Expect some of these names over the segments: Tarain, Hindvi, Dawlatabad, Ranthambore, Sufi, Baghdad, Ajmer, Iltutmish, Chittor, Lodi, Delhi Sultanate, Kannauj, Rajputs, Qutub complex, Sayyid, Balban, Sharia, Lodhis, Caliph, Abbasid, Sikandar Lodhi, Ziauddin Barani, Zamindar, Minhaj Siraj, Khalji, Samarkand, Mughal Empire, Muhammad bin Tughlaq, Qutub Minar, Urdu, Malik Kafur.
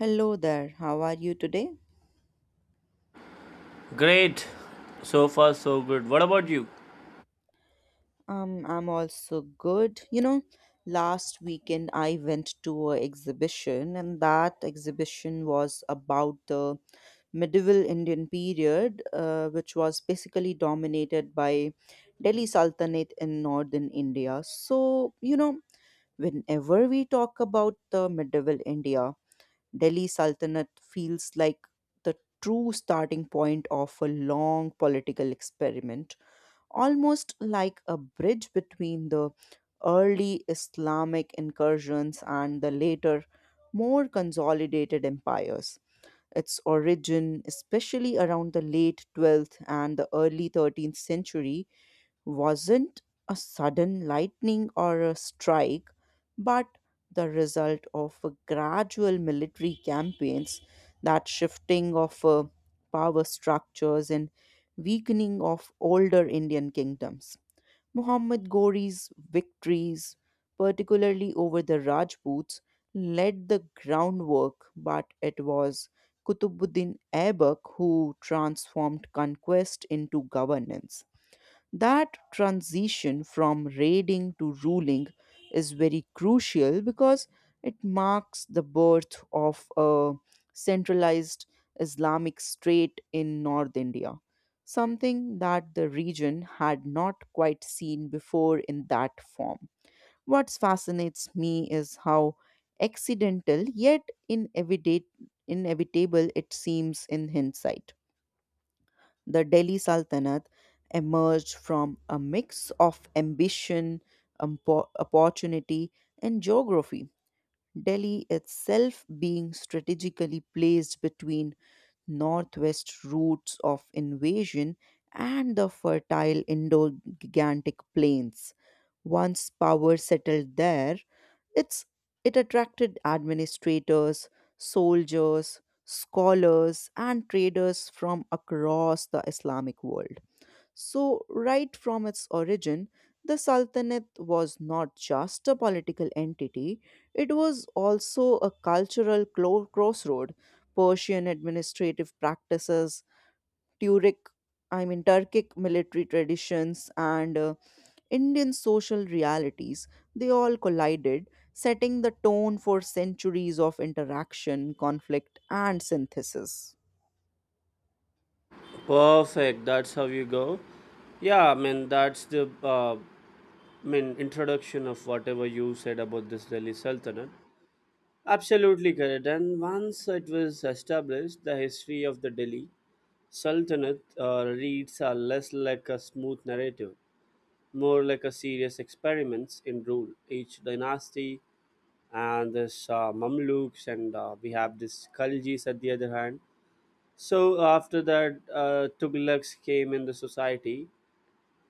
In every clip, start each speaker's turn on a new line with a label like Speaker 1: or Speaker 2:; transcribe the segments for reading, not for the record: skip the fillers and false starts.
Speaker 1: Hello there. How are you today?
Speaker 2: Great. So far, so good. What about you?
Speaker 1: I'm also good. You know, last weekend I went to an exhibition, and that exhibition was about the medieval Indian period, which was basically dominated by Delhi Sultanate in northern India. So, you know, whenever we talk about the medieval India, Delhi Sultanate feels like the true starting point of a long political experiment, almost like a bridge between the early Islamic incursions and the later, more consolidated empires. Its origin, especially around the late 12th and the early 13th century, wasn't a sudden lightning or a strike, but the result of a gradual military campaigns, that shifting of power structures and weakening of older Indian kingdoms. Muhammad Ghori's victories, particularly over the Rajputs, laid the groundwork, but it was Kutubuddin Aibak who transformed conquest into governance. That transition from raiding to ruling is very crucial because it marks the birth of a centralized Islamic state in North India, something that the region had not quite seen before in that form. What fascinates me is how accidental yet inevita- inevitable it seems in hindsight. The Delhi Sultanate emerged from a mix of ambition, opportunity, and geography. Delhi itself being strategically placed between northwest routes of invasion and the fertile Indo Gigantic plains. Once power settled there, it's, it attracted administrators, soldiers, scholars, and traders from across the Islamic world. So, right from its origin, the Sultanate was not just a political entity, it was also a cultural crossroad. Persian administrative practices, Turkic, I mean Turkic military traditions, and Indian social realities, they all collided, setting the tone for centuries of interaction, conflict, and synthesis.
Speaker 2: Perfect. That's how you go. Yeah, I mean, that's the I mean, introduction of whatever you said about this Delhi Sultanate. Absolutely correct. And once it was established, the history of the Delhi Sultanate reads are less like a smooth narrative, more like a serious experiments in rule. Each dynasty and this Mamluks and we have this Khaljis at the other hand. So after that, Tughlaq came in the society.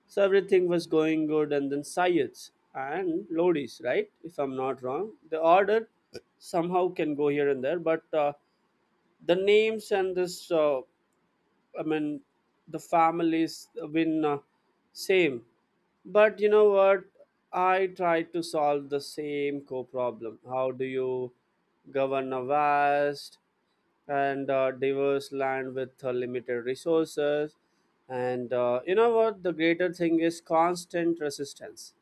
Speaker 2: So everything was going good, and then Sayyids and Lodis, right? If I'm not wrong, the order somehow can go here and there, but the names and this, I mean, the families have been same. But you know what? I tried to solve the same core problem. How do you govern a vast and diverse land with limited resources. And you know what? The greater thing is constant resistance,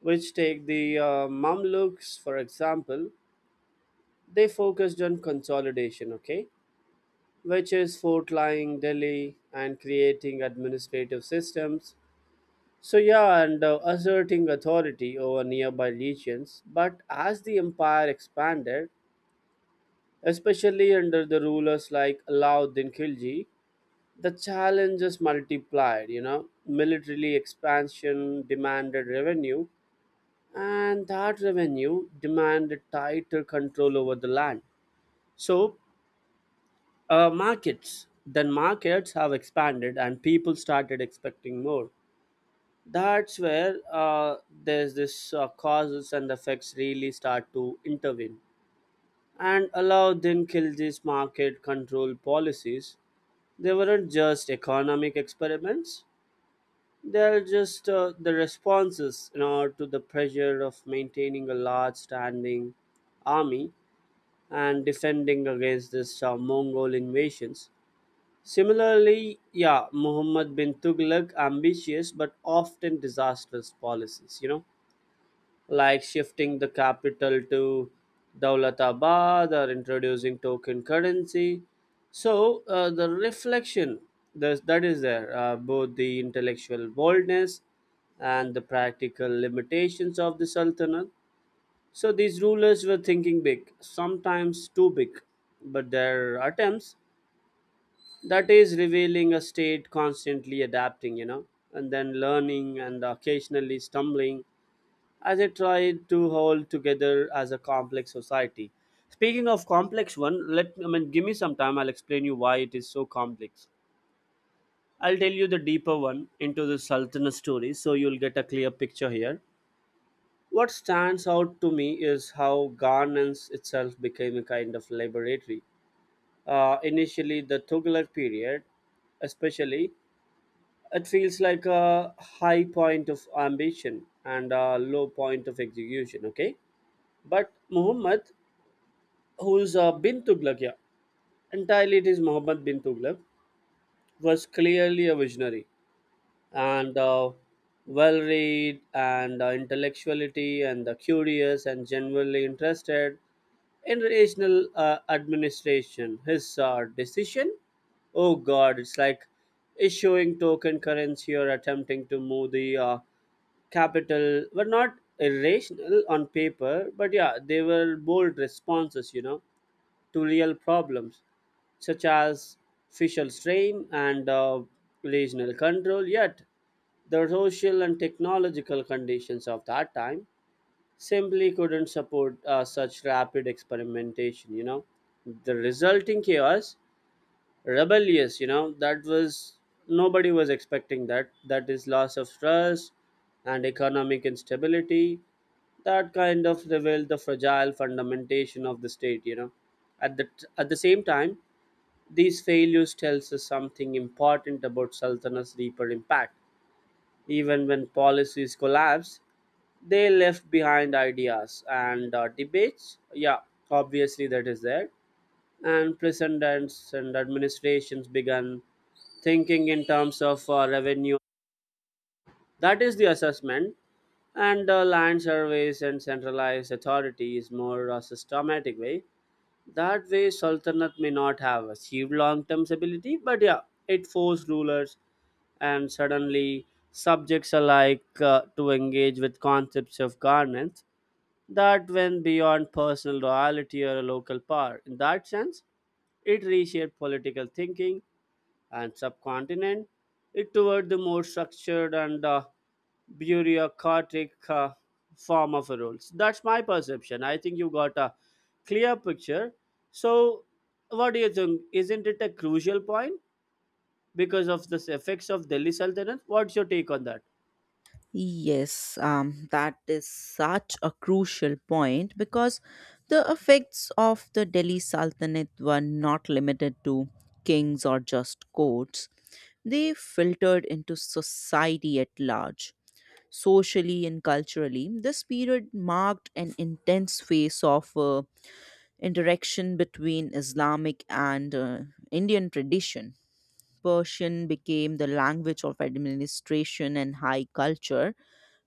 Speaker 2: which take the Mamluks, for example, they focused on consolidation, okay, which is fortlying Delhi and creating administrative systems. So, yeah, and asserting authority over nearby regions. But as the empire expanded, especially under the rulers like Alauddin Khilji, the challenges multiplied, you know, militarily expansion demanded revenue, and that revenue demanded tighter control over the land. So markets, then markets have expanded and people started expecting more. That's where there's this causes and effects really start to intervene, and Alauddin Khilji's market control policies, they weren't just economic experiments. They're just the responses, you know, to the pressure of maintaining a large standing army and defending against this Mongol invasions. Similarly, yeah, Muhammad bin Tughlaq ambitious but often disastrous policies, you know, like shifting the capital to Dawlatabad or introducing token currency. So the reflection that is there, both the intellectual boldness and the practical limitations of the Sultanate. So these rulers were thinking big, sometimes too big, but their attempts, that is revealing a state constantly adapting, you know, and then learning and occasionally stumbling as it tried to hold together as a complex society. Speaking of complex one, let I mean give me some time. I'll explain you why it is so complex. I'll tell you the deeper one into the Sultanate story, so you'll get a clear picture here. What stands out to me is how governance itself became a kind of laboratory. Initially, the Tughlaq period, especially, it feels like a high point of ambition and a low point of execution. Okay, but Muhammad who's bin Tughlaq, yeah, entirely it is Muhammad bin Tughlaq, was clearly a visionary and well read and intellectuality and curious and generally interested in regional administration. His decision, oh god, it's like issuing token currency or attempting to move the capital were not irrational on paper, but yeah, they were bold responses, you know, to real problems such as fiscal strain and regional control. Yet, the social and technological conditions of that time simply couldn't support such rapid experimentation. You know, the resulting chaos, rebellious, you know, that was, nobody was expecting that, that is loss of trust and economic instability, that kind of revealed the fragile fundamentation of the state, you know, at the at the same time, these failures tells us something important about sultanat's deeper impact. Even when policies collapsed, they left behind ideas and debates, yeah, obviously that is there, and presidents and administrations began thinking in terms of revenue. That is the assessment, and land surveys and centralized authority is more a systematic way. That way, sultanate may not have achieved long-term stability, but yeah, it forced rulers and suddenly subjects alike to engage with concepts of governance that went beyond personal loyalty or local power. In that sense, it reshaped political thinking and subcontinent it toward the more structured and bureaucratic form of rules. That's my perception. I think you got a clear picture. So, what do you think? Isn't it a crucial point because of the effects of Delhi Sultanate? What's your take on that?
Speaker 1: Yes, that is such a crucial point because the effects of the Delhi Sultanate were not limited to kings or just courts. They filtered into society at large. Socially and culturally, this period marked an intense phase of interaction between Islamic and Indian tradition. Persian became the language of administration and high culture,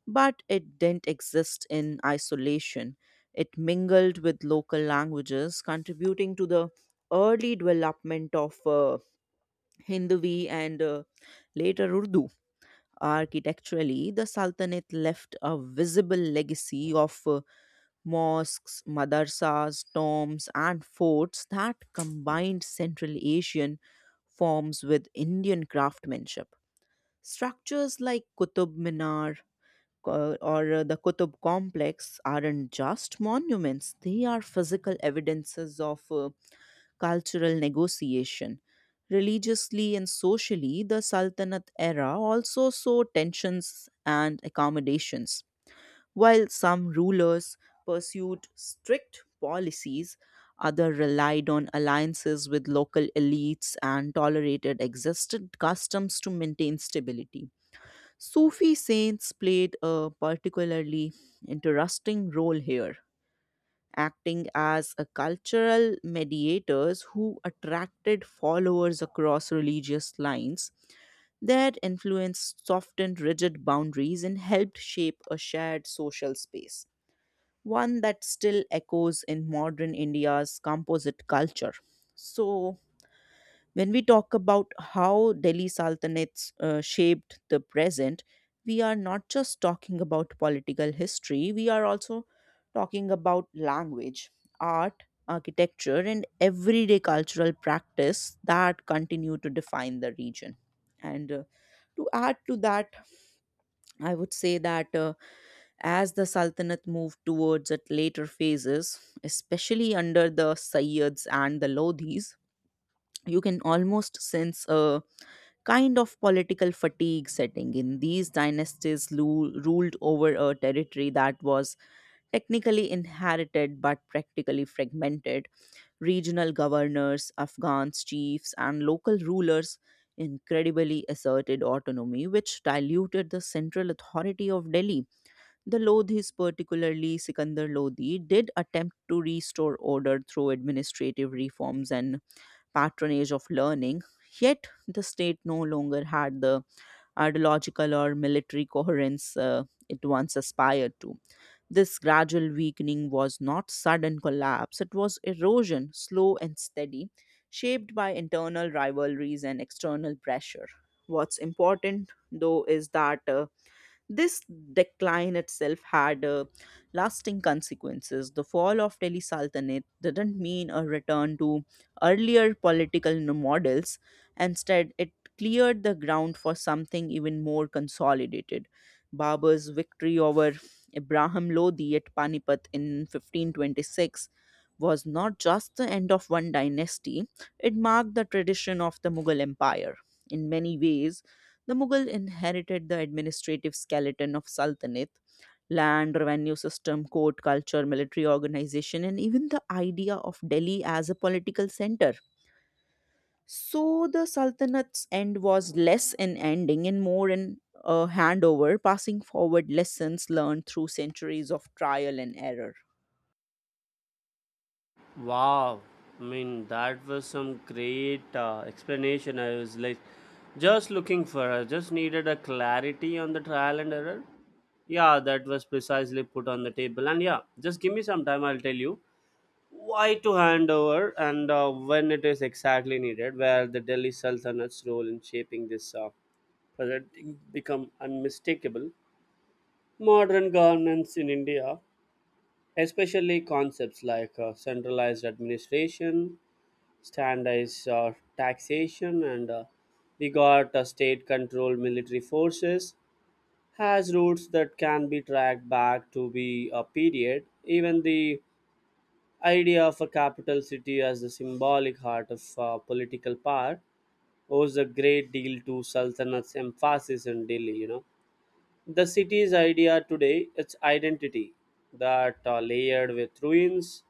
Speaker 1: but it didn't exist in isolation. It mingled with local languages, contributing to the early development of Hindvi and later Urdu. Architecturally, the Sultanate left a visible legacy of mosques, madrasas, tombs, and forts that combined Central Asian forms with Indian craftsmanship. Structures like Qutub Minar or the Qutub complex aren't just monuments, they are physical evidences of cultural negotiation. Religiously and socially, the Sultanate era also saw tensions and accommodations while some rulers pursued strict policies, others relied on alliances with local elites and tolerated existed customs to maintain stability. Sufi saints played a particularly interesting role here, acting as a cultural mediators who attracted followers across religious lines. Their influence softened rigid boundaries and helped shape a shared social space, one that still echoes in modern India's composite culture. So, when we talk about how Delhi Sultanates shaped the present, we are not just talking about political history, we are also talking about language, art, architecture, and everyday cultural practice that continue to define the region. And to add to that, I would say that. As the Sultanate moved towards its later phases, especially under the Sayyids and the Lodhis, you can almost sense a kind of political fatigue setting in. These dynasties ruled over a territory that was technically inherited but practically fragmented. Regional governors, Afghans, chiefs, and local rulers incredibly asserted autonomy, which diluted the central authority of Delhi. The Lodhis, particularly Sikandar Lodhi, did attempt to restore order through administrative reforms and patronage of learning, yet the state no longer had the ideological or military coherence it once aspired to. This gradual weakening was not sudden collapse, it was erosion, slow and steady, shaped by internal rivalries and external pressure. What's important, though, is that this decline itself had lasting consequences. The fall of Delhi Sultanate didn't mean a return to earlier political models. Instead, it cleared the ground for something even more consolidated. Babur's victory over Ibrahim Lodi at Panipat in 1526 was not just the end of one dynasty, it marked the tradition of the Mughal Empire. In many ways, the Mughal inherited the administrative skeleton of Sultanate land, revenue system, court culture, military organization, and even the idea of Delhi as a political center. So the Sultanate's end was less an ending and more an a handover, passing forward lessons learned through centuries of trial and error.
Speaker 2: Wow, I mean that was some great explanation. I was like just looking for. I just needed a clarity on the trial and error. Yeah, that was precisely put on the table. And yeah, just give me some time. I'll tell you why to hand over and when it is exactly needed. Where the Delhi Sultanate's role in shaping this project become unmistakable. Modern governance in India, especially concepts like centralized administration standards, taxation and we got state controlled military forces, has roots that can be tracked back to be a period. Even the idea of a capital city as the symbolic heart of political power owes a great deal to sultanat's emphasis in Delhi, you know, the city's idea today, its identity, that layered with ruins,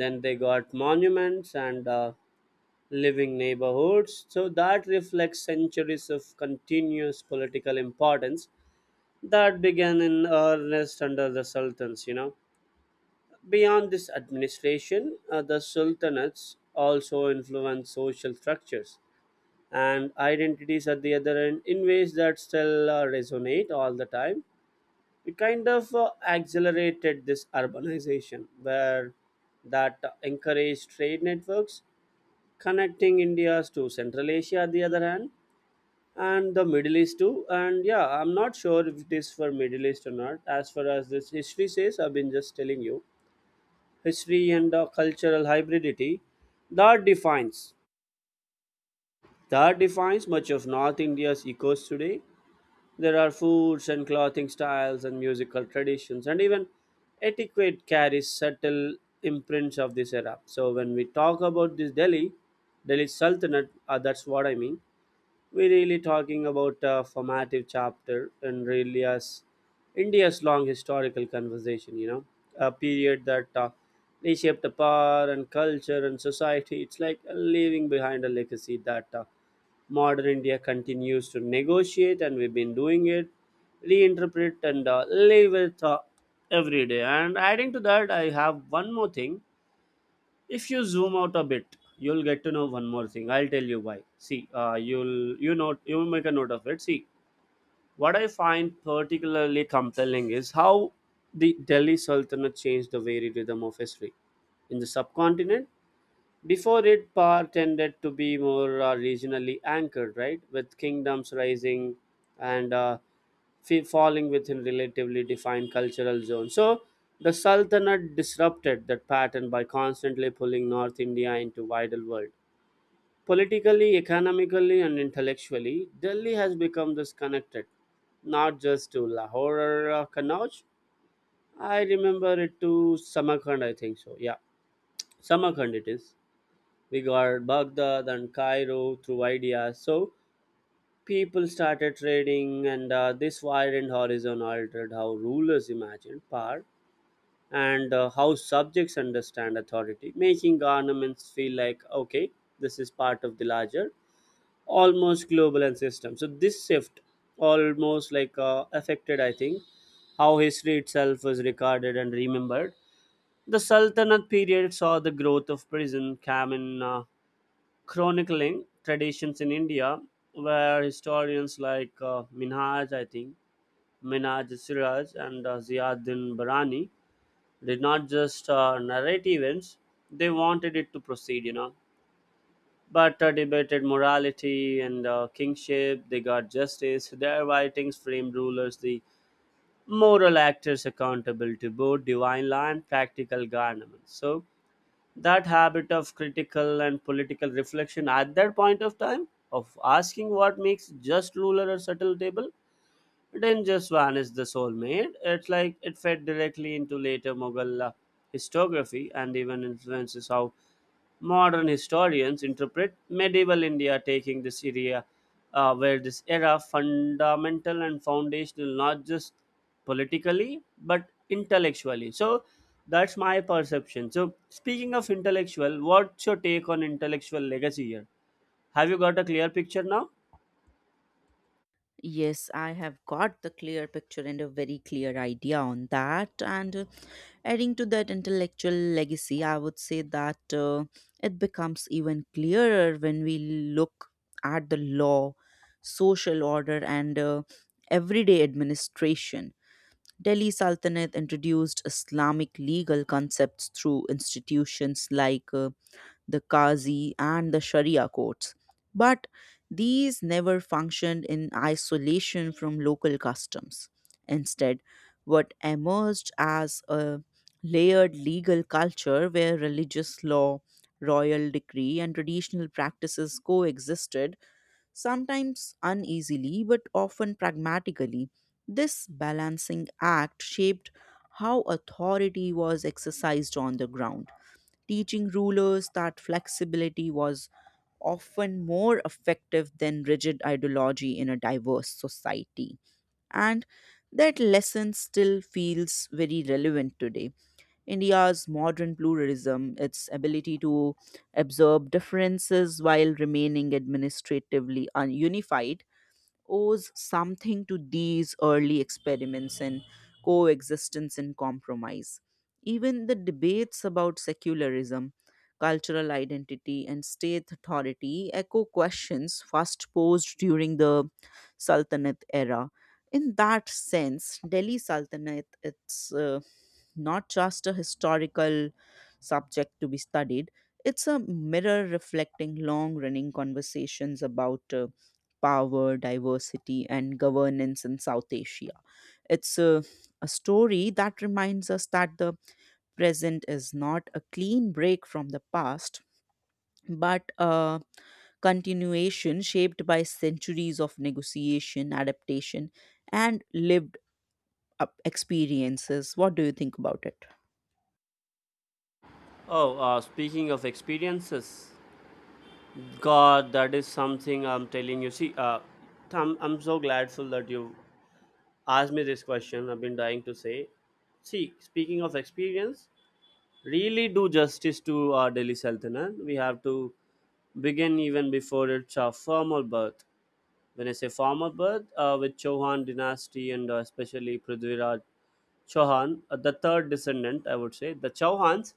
Speaker 2: then they got monuments and living neighborhoods. So that reflects centuries of continuous political importance that began in earnest under the sultans, you know. Beyond this administration, the sultanates also influenced social structures and identities at the other end in ways that still resonate all the time. It kind of accelerated this urbanization where that encouraged trade networks connecting India's to Central Asia, the other hand, and the Middle East too. And yeah, I'm not sure if it is for Middle East or not. As far as this history says, I've been just telling you, history and the cultural hybridity that defines that defines much of North India's ecos today. There are foods and clothing styles and musical traditions, and even etiquette carries subtle imprints of this era. So when we talk about this Delhi Sultanate, that's what I mean. We're really talking about a formative chapter in India's long historical conversation, you know, a period that reshaped the power and culture and society. It's like leaving behind a legacy that modern India continues to negotiate, and we've been doing it, reinterpret, and live with every day. And adding to that, I have one more thing. If you zoom out a bit, you'll get to know one more thing. I'll tell you why. See, you'll, you know, you will make a note of it. See, what I find particularly compelling is how the Delhi Sultanate changed the very rhythm of history in the subcontinent. Before it, power tended to be more regionally anchored, right? With kingdoms rising and falling within relatively defined cultural zones. So the Sultanate disrupted that pattern by constantly pulling North India into wider world. Politically, economically, and intellectually, Delhi has become disconnected, not just to Lahore or Kannauj. I remember it to Samarkand, I think so. Yeah, Samarkand it is. We got Baghdad and Cairo through ideas. So people started trading, and this widened horizon altered how rulers imagined power and how subjects understand authority, making governments feel like, okay, this is part of the larger, almost global and system. So this shift almost like affected, I think, how history itself was recorded and remembered. The Sultanate period saw the growth of prison, famine, chronicling traditions in India, where historians like Minhaj, I think, Minhaj Siraj and Ziauddin Barani did not just narrate events, they wanted it to proceed, you know. But debated morality and kingship, they got justice. Their writings framed rulers, the moral actors accountable to both divine law and practical government. So, that habit of critical and political reflection at that point of time of asking what makes just ruler a subtle table didn't just vanish the soulmate, it's like it fed directly into later mughal historiography and even influences how modern historians interpret medieval India taking this area, where this era fundamental and foundational not just politically but intellectually. So that's my perception. So speaking of intellectual, what's your take on intellectual legacy here? Have you got a clear picture now?
Speaker 1: Yes, I have got the clear picture and a very clear idea on that. And adding to that intellectual legacy, I would say that it becomes even clearer when we look at the law, social order, and everyday administration. Delhi Sultanate introduced Islamic legal concepts through institutions like the Qazi, and the Sharia courts. But these never functioned in isolation from local customs. Instead, what emerged as a layered legal culture where religious law, royal decree, and traditional practices coexisted, sometimes uneasily but often pragmatically. This balancing act shaped how authority was exercised on the ground, teaching rulers that flexibility was often more effective than rigid ideology in a diverse society. And that lesson still feels very relevant today. India's modern pluralism, its ability to absorb differences while remaining administratively unified, owes something to these early experiments in coexistence and compromise. Even the debates about secularism, cultural identity, and state authority echo questions first posed during the Sultanate era. In that sense, Delhi Sultanate, its not just a historical subject to be studied, it's a mirror reflecting long running conversations about power, diversity, and governance in South Asia. It's a story that reminds us that the present is not a clean break from the past, but a continuation shaped by centuries of negotiation, adaptation, and lived up experiences. What do you think about it?
Speaker 2: Oh, speaking of experiences, God, that is something I'm telling you. See, I'm so gladful that you ask me this question. I've been dying to say, see, speaking of experience, really do justice to our Delhi Sultanate, we have to begin even before its formal birth. When I say formal birth, with Chauhan dynasty and especially Prithviraj Chauhan, the third descendant, I would say the Chauhans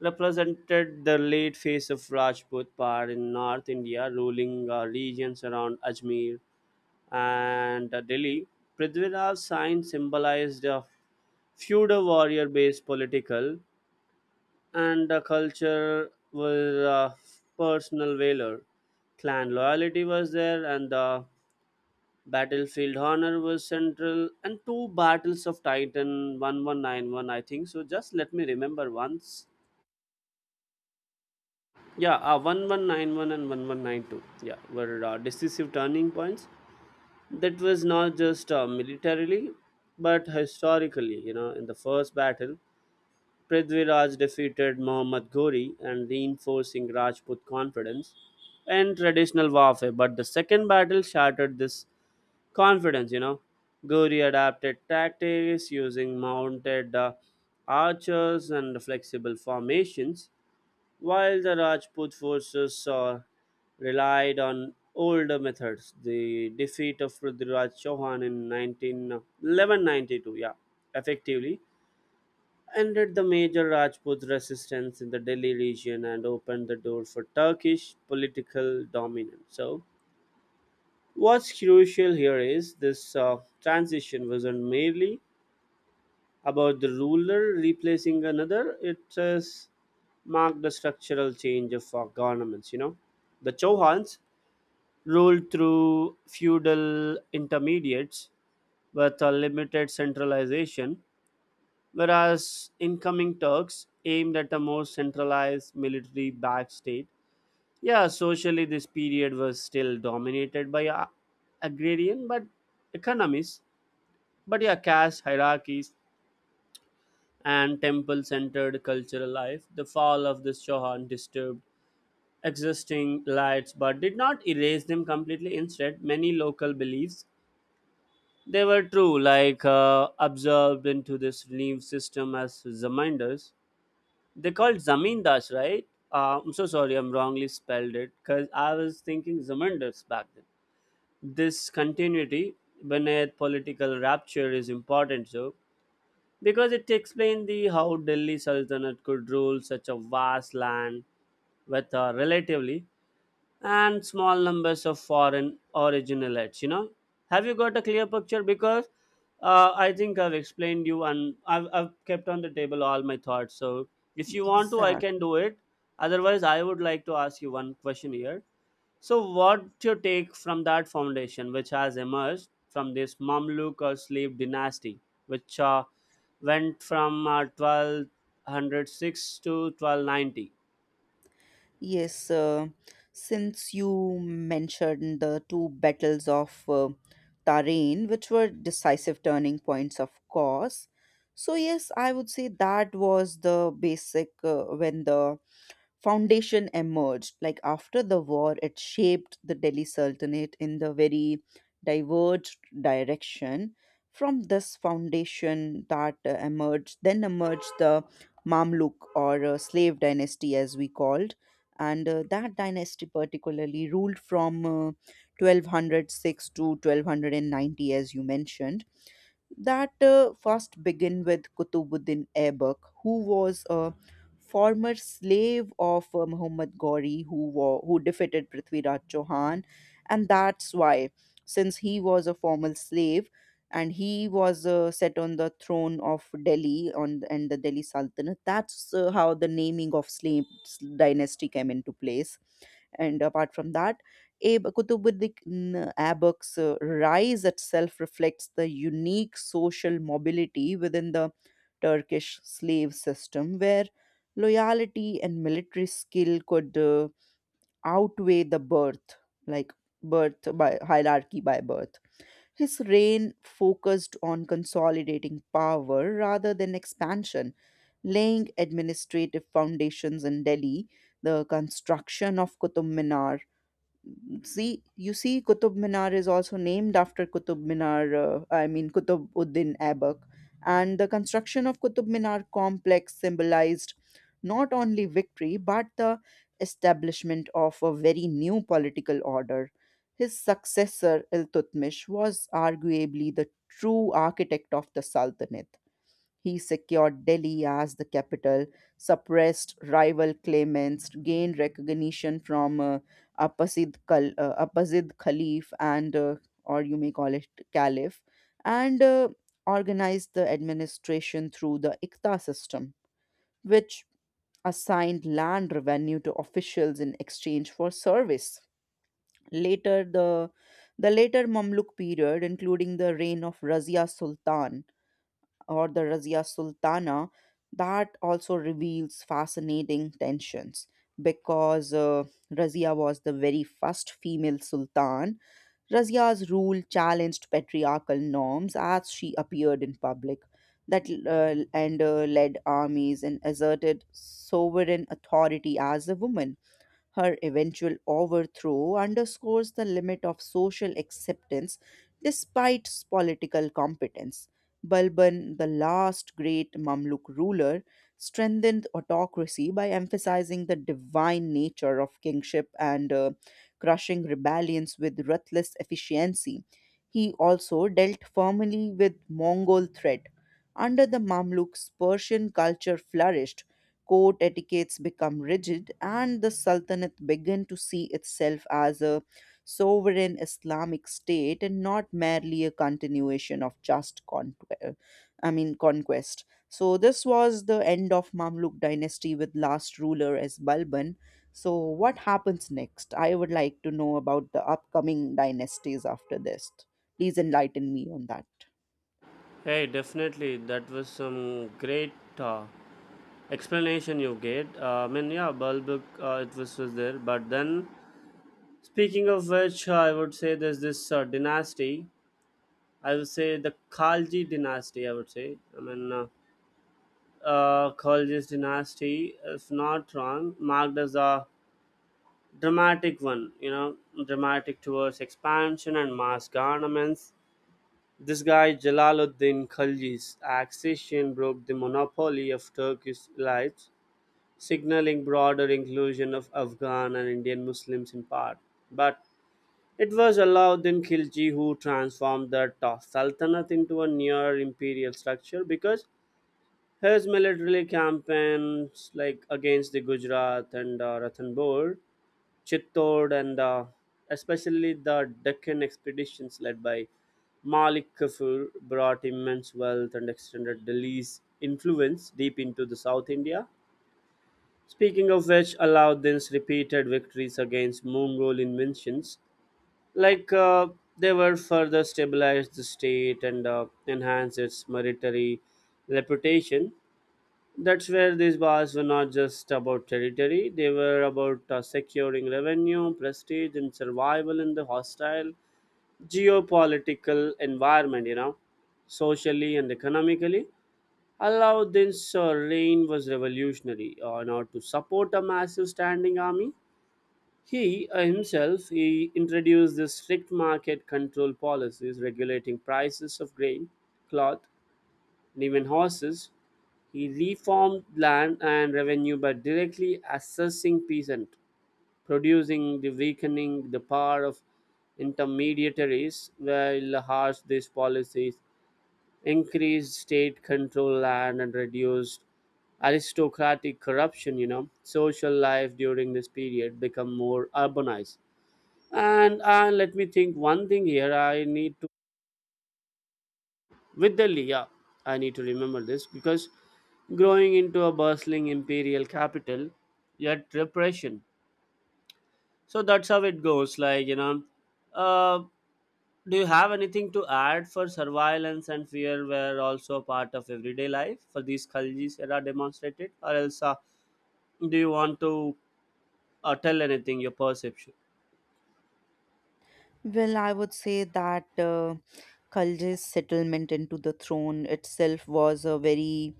Speaker 2: represented the late phase of Rajput power in North India, ruling regions around Ajmer and Delhi. Prithviraj's sign symbolized feudal warrior based political and the culture was personal valor. Clan loyalty was there, and the battlefield honor was central. And two battles of Titan, 1191, I think so, just let me remember once. Yeah, 1191 and 1192, yeah, were decisive turning points. That was not just militarily but historically, you know. In the first battle, Prithviraj defeated Muhammad Ghori and reinforcing Rajput confidence in traditional warfare. But the second battle shattered this confidence. Ghori adapted tactics using mounted archers and flexible formations, while the Rajput forces relied on older methods. The defeat of Prithviraj Chauhan in 191192, yeah, effectively ended the major Rajput resistance in the Delhi region and opened the door for Turkish political dominance. So, what's crucial here is this transition wasn't merely about the ruler replacing another, it has marked the structural change of our governments. You know, the Chauhans ruled through feudal intermediates with a limited centralization, whereas incoming Turks aimed at a more centralized military backed state. Yeah, socially, this period was still dominated by agrarian but economies, but yeah, caste hierarchies and temple centered cultural life. The fall of the Shohan disturbed existing lights but did not erase them completely. Instead, many local beliefs they were true, like absorbed into this relief system as reminders. They called Zamindas, right? I'm so sorry, I'm wrongly spelled it because I was thinking Zamindars back then. This continuity, beneath political rapture, is important, so because it explains the how Delhi Sultanate could rule such a vast land with a relatively and small numbers of foreign original, you know. Have you got a clear picture? Because I think I've explained you and I've kept on the table all my thoughts. So if you want to, I
Speaker 1: Exact.
Speaker 2: can do it. Otherwise, I would like to ask you one question here. So what's your take from that foundation which has emerged from this Mamluk or slave dynasty which went from 1206 to 1290?
Speaker 1: Yes, since you mentioned the two battles of Tarain, which were decisive turning points, of course. So yes, I would say that was the basic when the foundation emerged. Like after the war, it shaped the Delhi Sultanate in the very diverged direction. From this foundation that emerged, then emerged the Mamluk or slave dynasty, as we called, and that dynasty particularly ruled from 1206 to 1290, as you mentioned, that first begin with Kutubuddin Aibac, who was a former slave of Muhammad Ghori, who who defeated Prithviraj Chauhan, and that's why, since he was a former slave and he was set on the throne of Delhi on and the Delhi Sultanate, that's how the naming of slave dynasty came into place. And apart from that, Qutbuddin Aibak's rise itself reflects the unique social mobility within the Turkish slave system, where loyalty and military skill could outweigh the birth, like birth by hierarchy by birth. His reign focused on consolidating power rather than expansion, laying administrative foundations in Delhi, the construction of Qutub Minar. See, you see, Qutub Minar is also named after Qutub Minar, Qutub Uddin Aibak. And the construction of Qutub Minar complex symbolized not only victory but the establishment of a very new political order. His successor, Iltutmish, was arguably the true architect of the Sultanate. He secured Delhi as the capital, suppressed rival claimants, gained recognition from Abbasid, Abbasid Khalif, and or you may call it Caliph, and organized the administration through the Ikta system, which assigned land revenue to officials in exchange for service. Later, the later Mamluk period, including the reign of Razia Sultan, or the Razia Sultana, that also reveals fascinating tensions because Razia was the very first female sultan. Razia's rule challenged patriarchal norms as she appeared in public, that and led armies and asserted sovereign authority as a woman. Her eventual overthrow underscores the limit of social acceptance despite political competence. Balban, the last great Mamluk ruler, strengthened autocracy by emphasizing the divine nature of kingship and crushing rebellions with ruthless efficiency. He also dealt firmly with Mongol threat. Under the Mamluks, Persian culture flourished, court etiquettes become rigid, and the Sultanate began to see itself as a sovereign Islamic state and not merely a continuation of just conquest. I mean conquest. So this was the end of Mamluk dynasty with last ruler as Balban. So what happens next? I would like to know about the upcoming dynasties after this. Please enlighten me on that.
Speaker 2: Hey, definitely. That was some great uh, explanation you gave. I mean, yeah, bulb, was there. But then, speaking of which, I would say there's this dynasty. I would say the Khalji dynasty, I would say. I mean, Khalji's dynasty, if not wrong, marked as a dramatic one, you know, dramatic towards expansion and mass garments. This guy Jalaluddin Khilji's accession broke the monopoly of Turkish elites, signaling broader inclusion of Afghan and Indian Muslims in part. But it was Alauddin Khilji who transformed the Sultanate into a near imperial structure because his military campaigns like against the Gujarat and Ranthambore, Chittor, and especially the Deccan expeditions led by Malik Kafur brought immense wealth and extended Delhi's influence deep into the South India. Speaking of which, Alauddin's repeated victories against Mongol inventions, like they were further stabilized the state and enhanced its military reputation. That's where these bars were not just about territory, they were about securing revenue, prestige, and survival in the hostile geopolitical environment, you know, socially and economically. Aladdin's reign was revolutionary. In order to support a massive standing army, he himself he introduced this strict market control policies regulating prices of grain, cloth, and even horses. He reformed land and revenue by directly assessing peasant, producing the weakening the power of intermediaries, while harsh these policies increased state control land and reduced aristocratic corruption. You know, social life during this period become more urbanized. And let me think one thing here. I need with the Lia, I need to remember this because growing into a bustling imperial capital, yet repression. So that's how it goes. Like, you know, uh, do you have anything to add? For surveillance and fear were also a part of everyday life for these Khaljis era demonstrated. Or else, do you want to tell anything, your perception?
Speaker 1: Well, I would say that Khalji's settlement into the throne itself was a very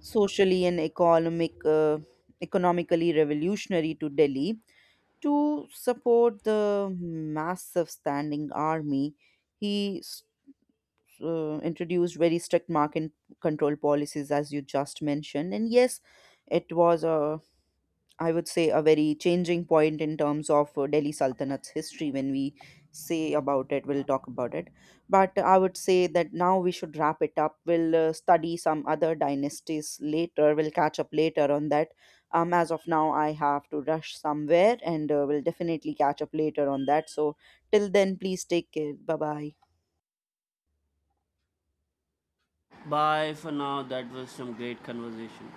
Speaker 1: socially and economically revolutionary to Delhi. To support the massive standing army, he introduced very strict market control policies, as you just mentioned. And yes, it was a, I would say, a very changing point in terms of Delhi Sultanat's history. When we say about it, we'll talk about it. But I would say that now we should wrap it up. We'll study some other dynasties later. We'll catch up later on that. As of now, I have to rush somewhere and we'll definitely catch up later on that. So, till then, please take care. Bye bye.
Speaker 2: Bye for now. That was some great conversation.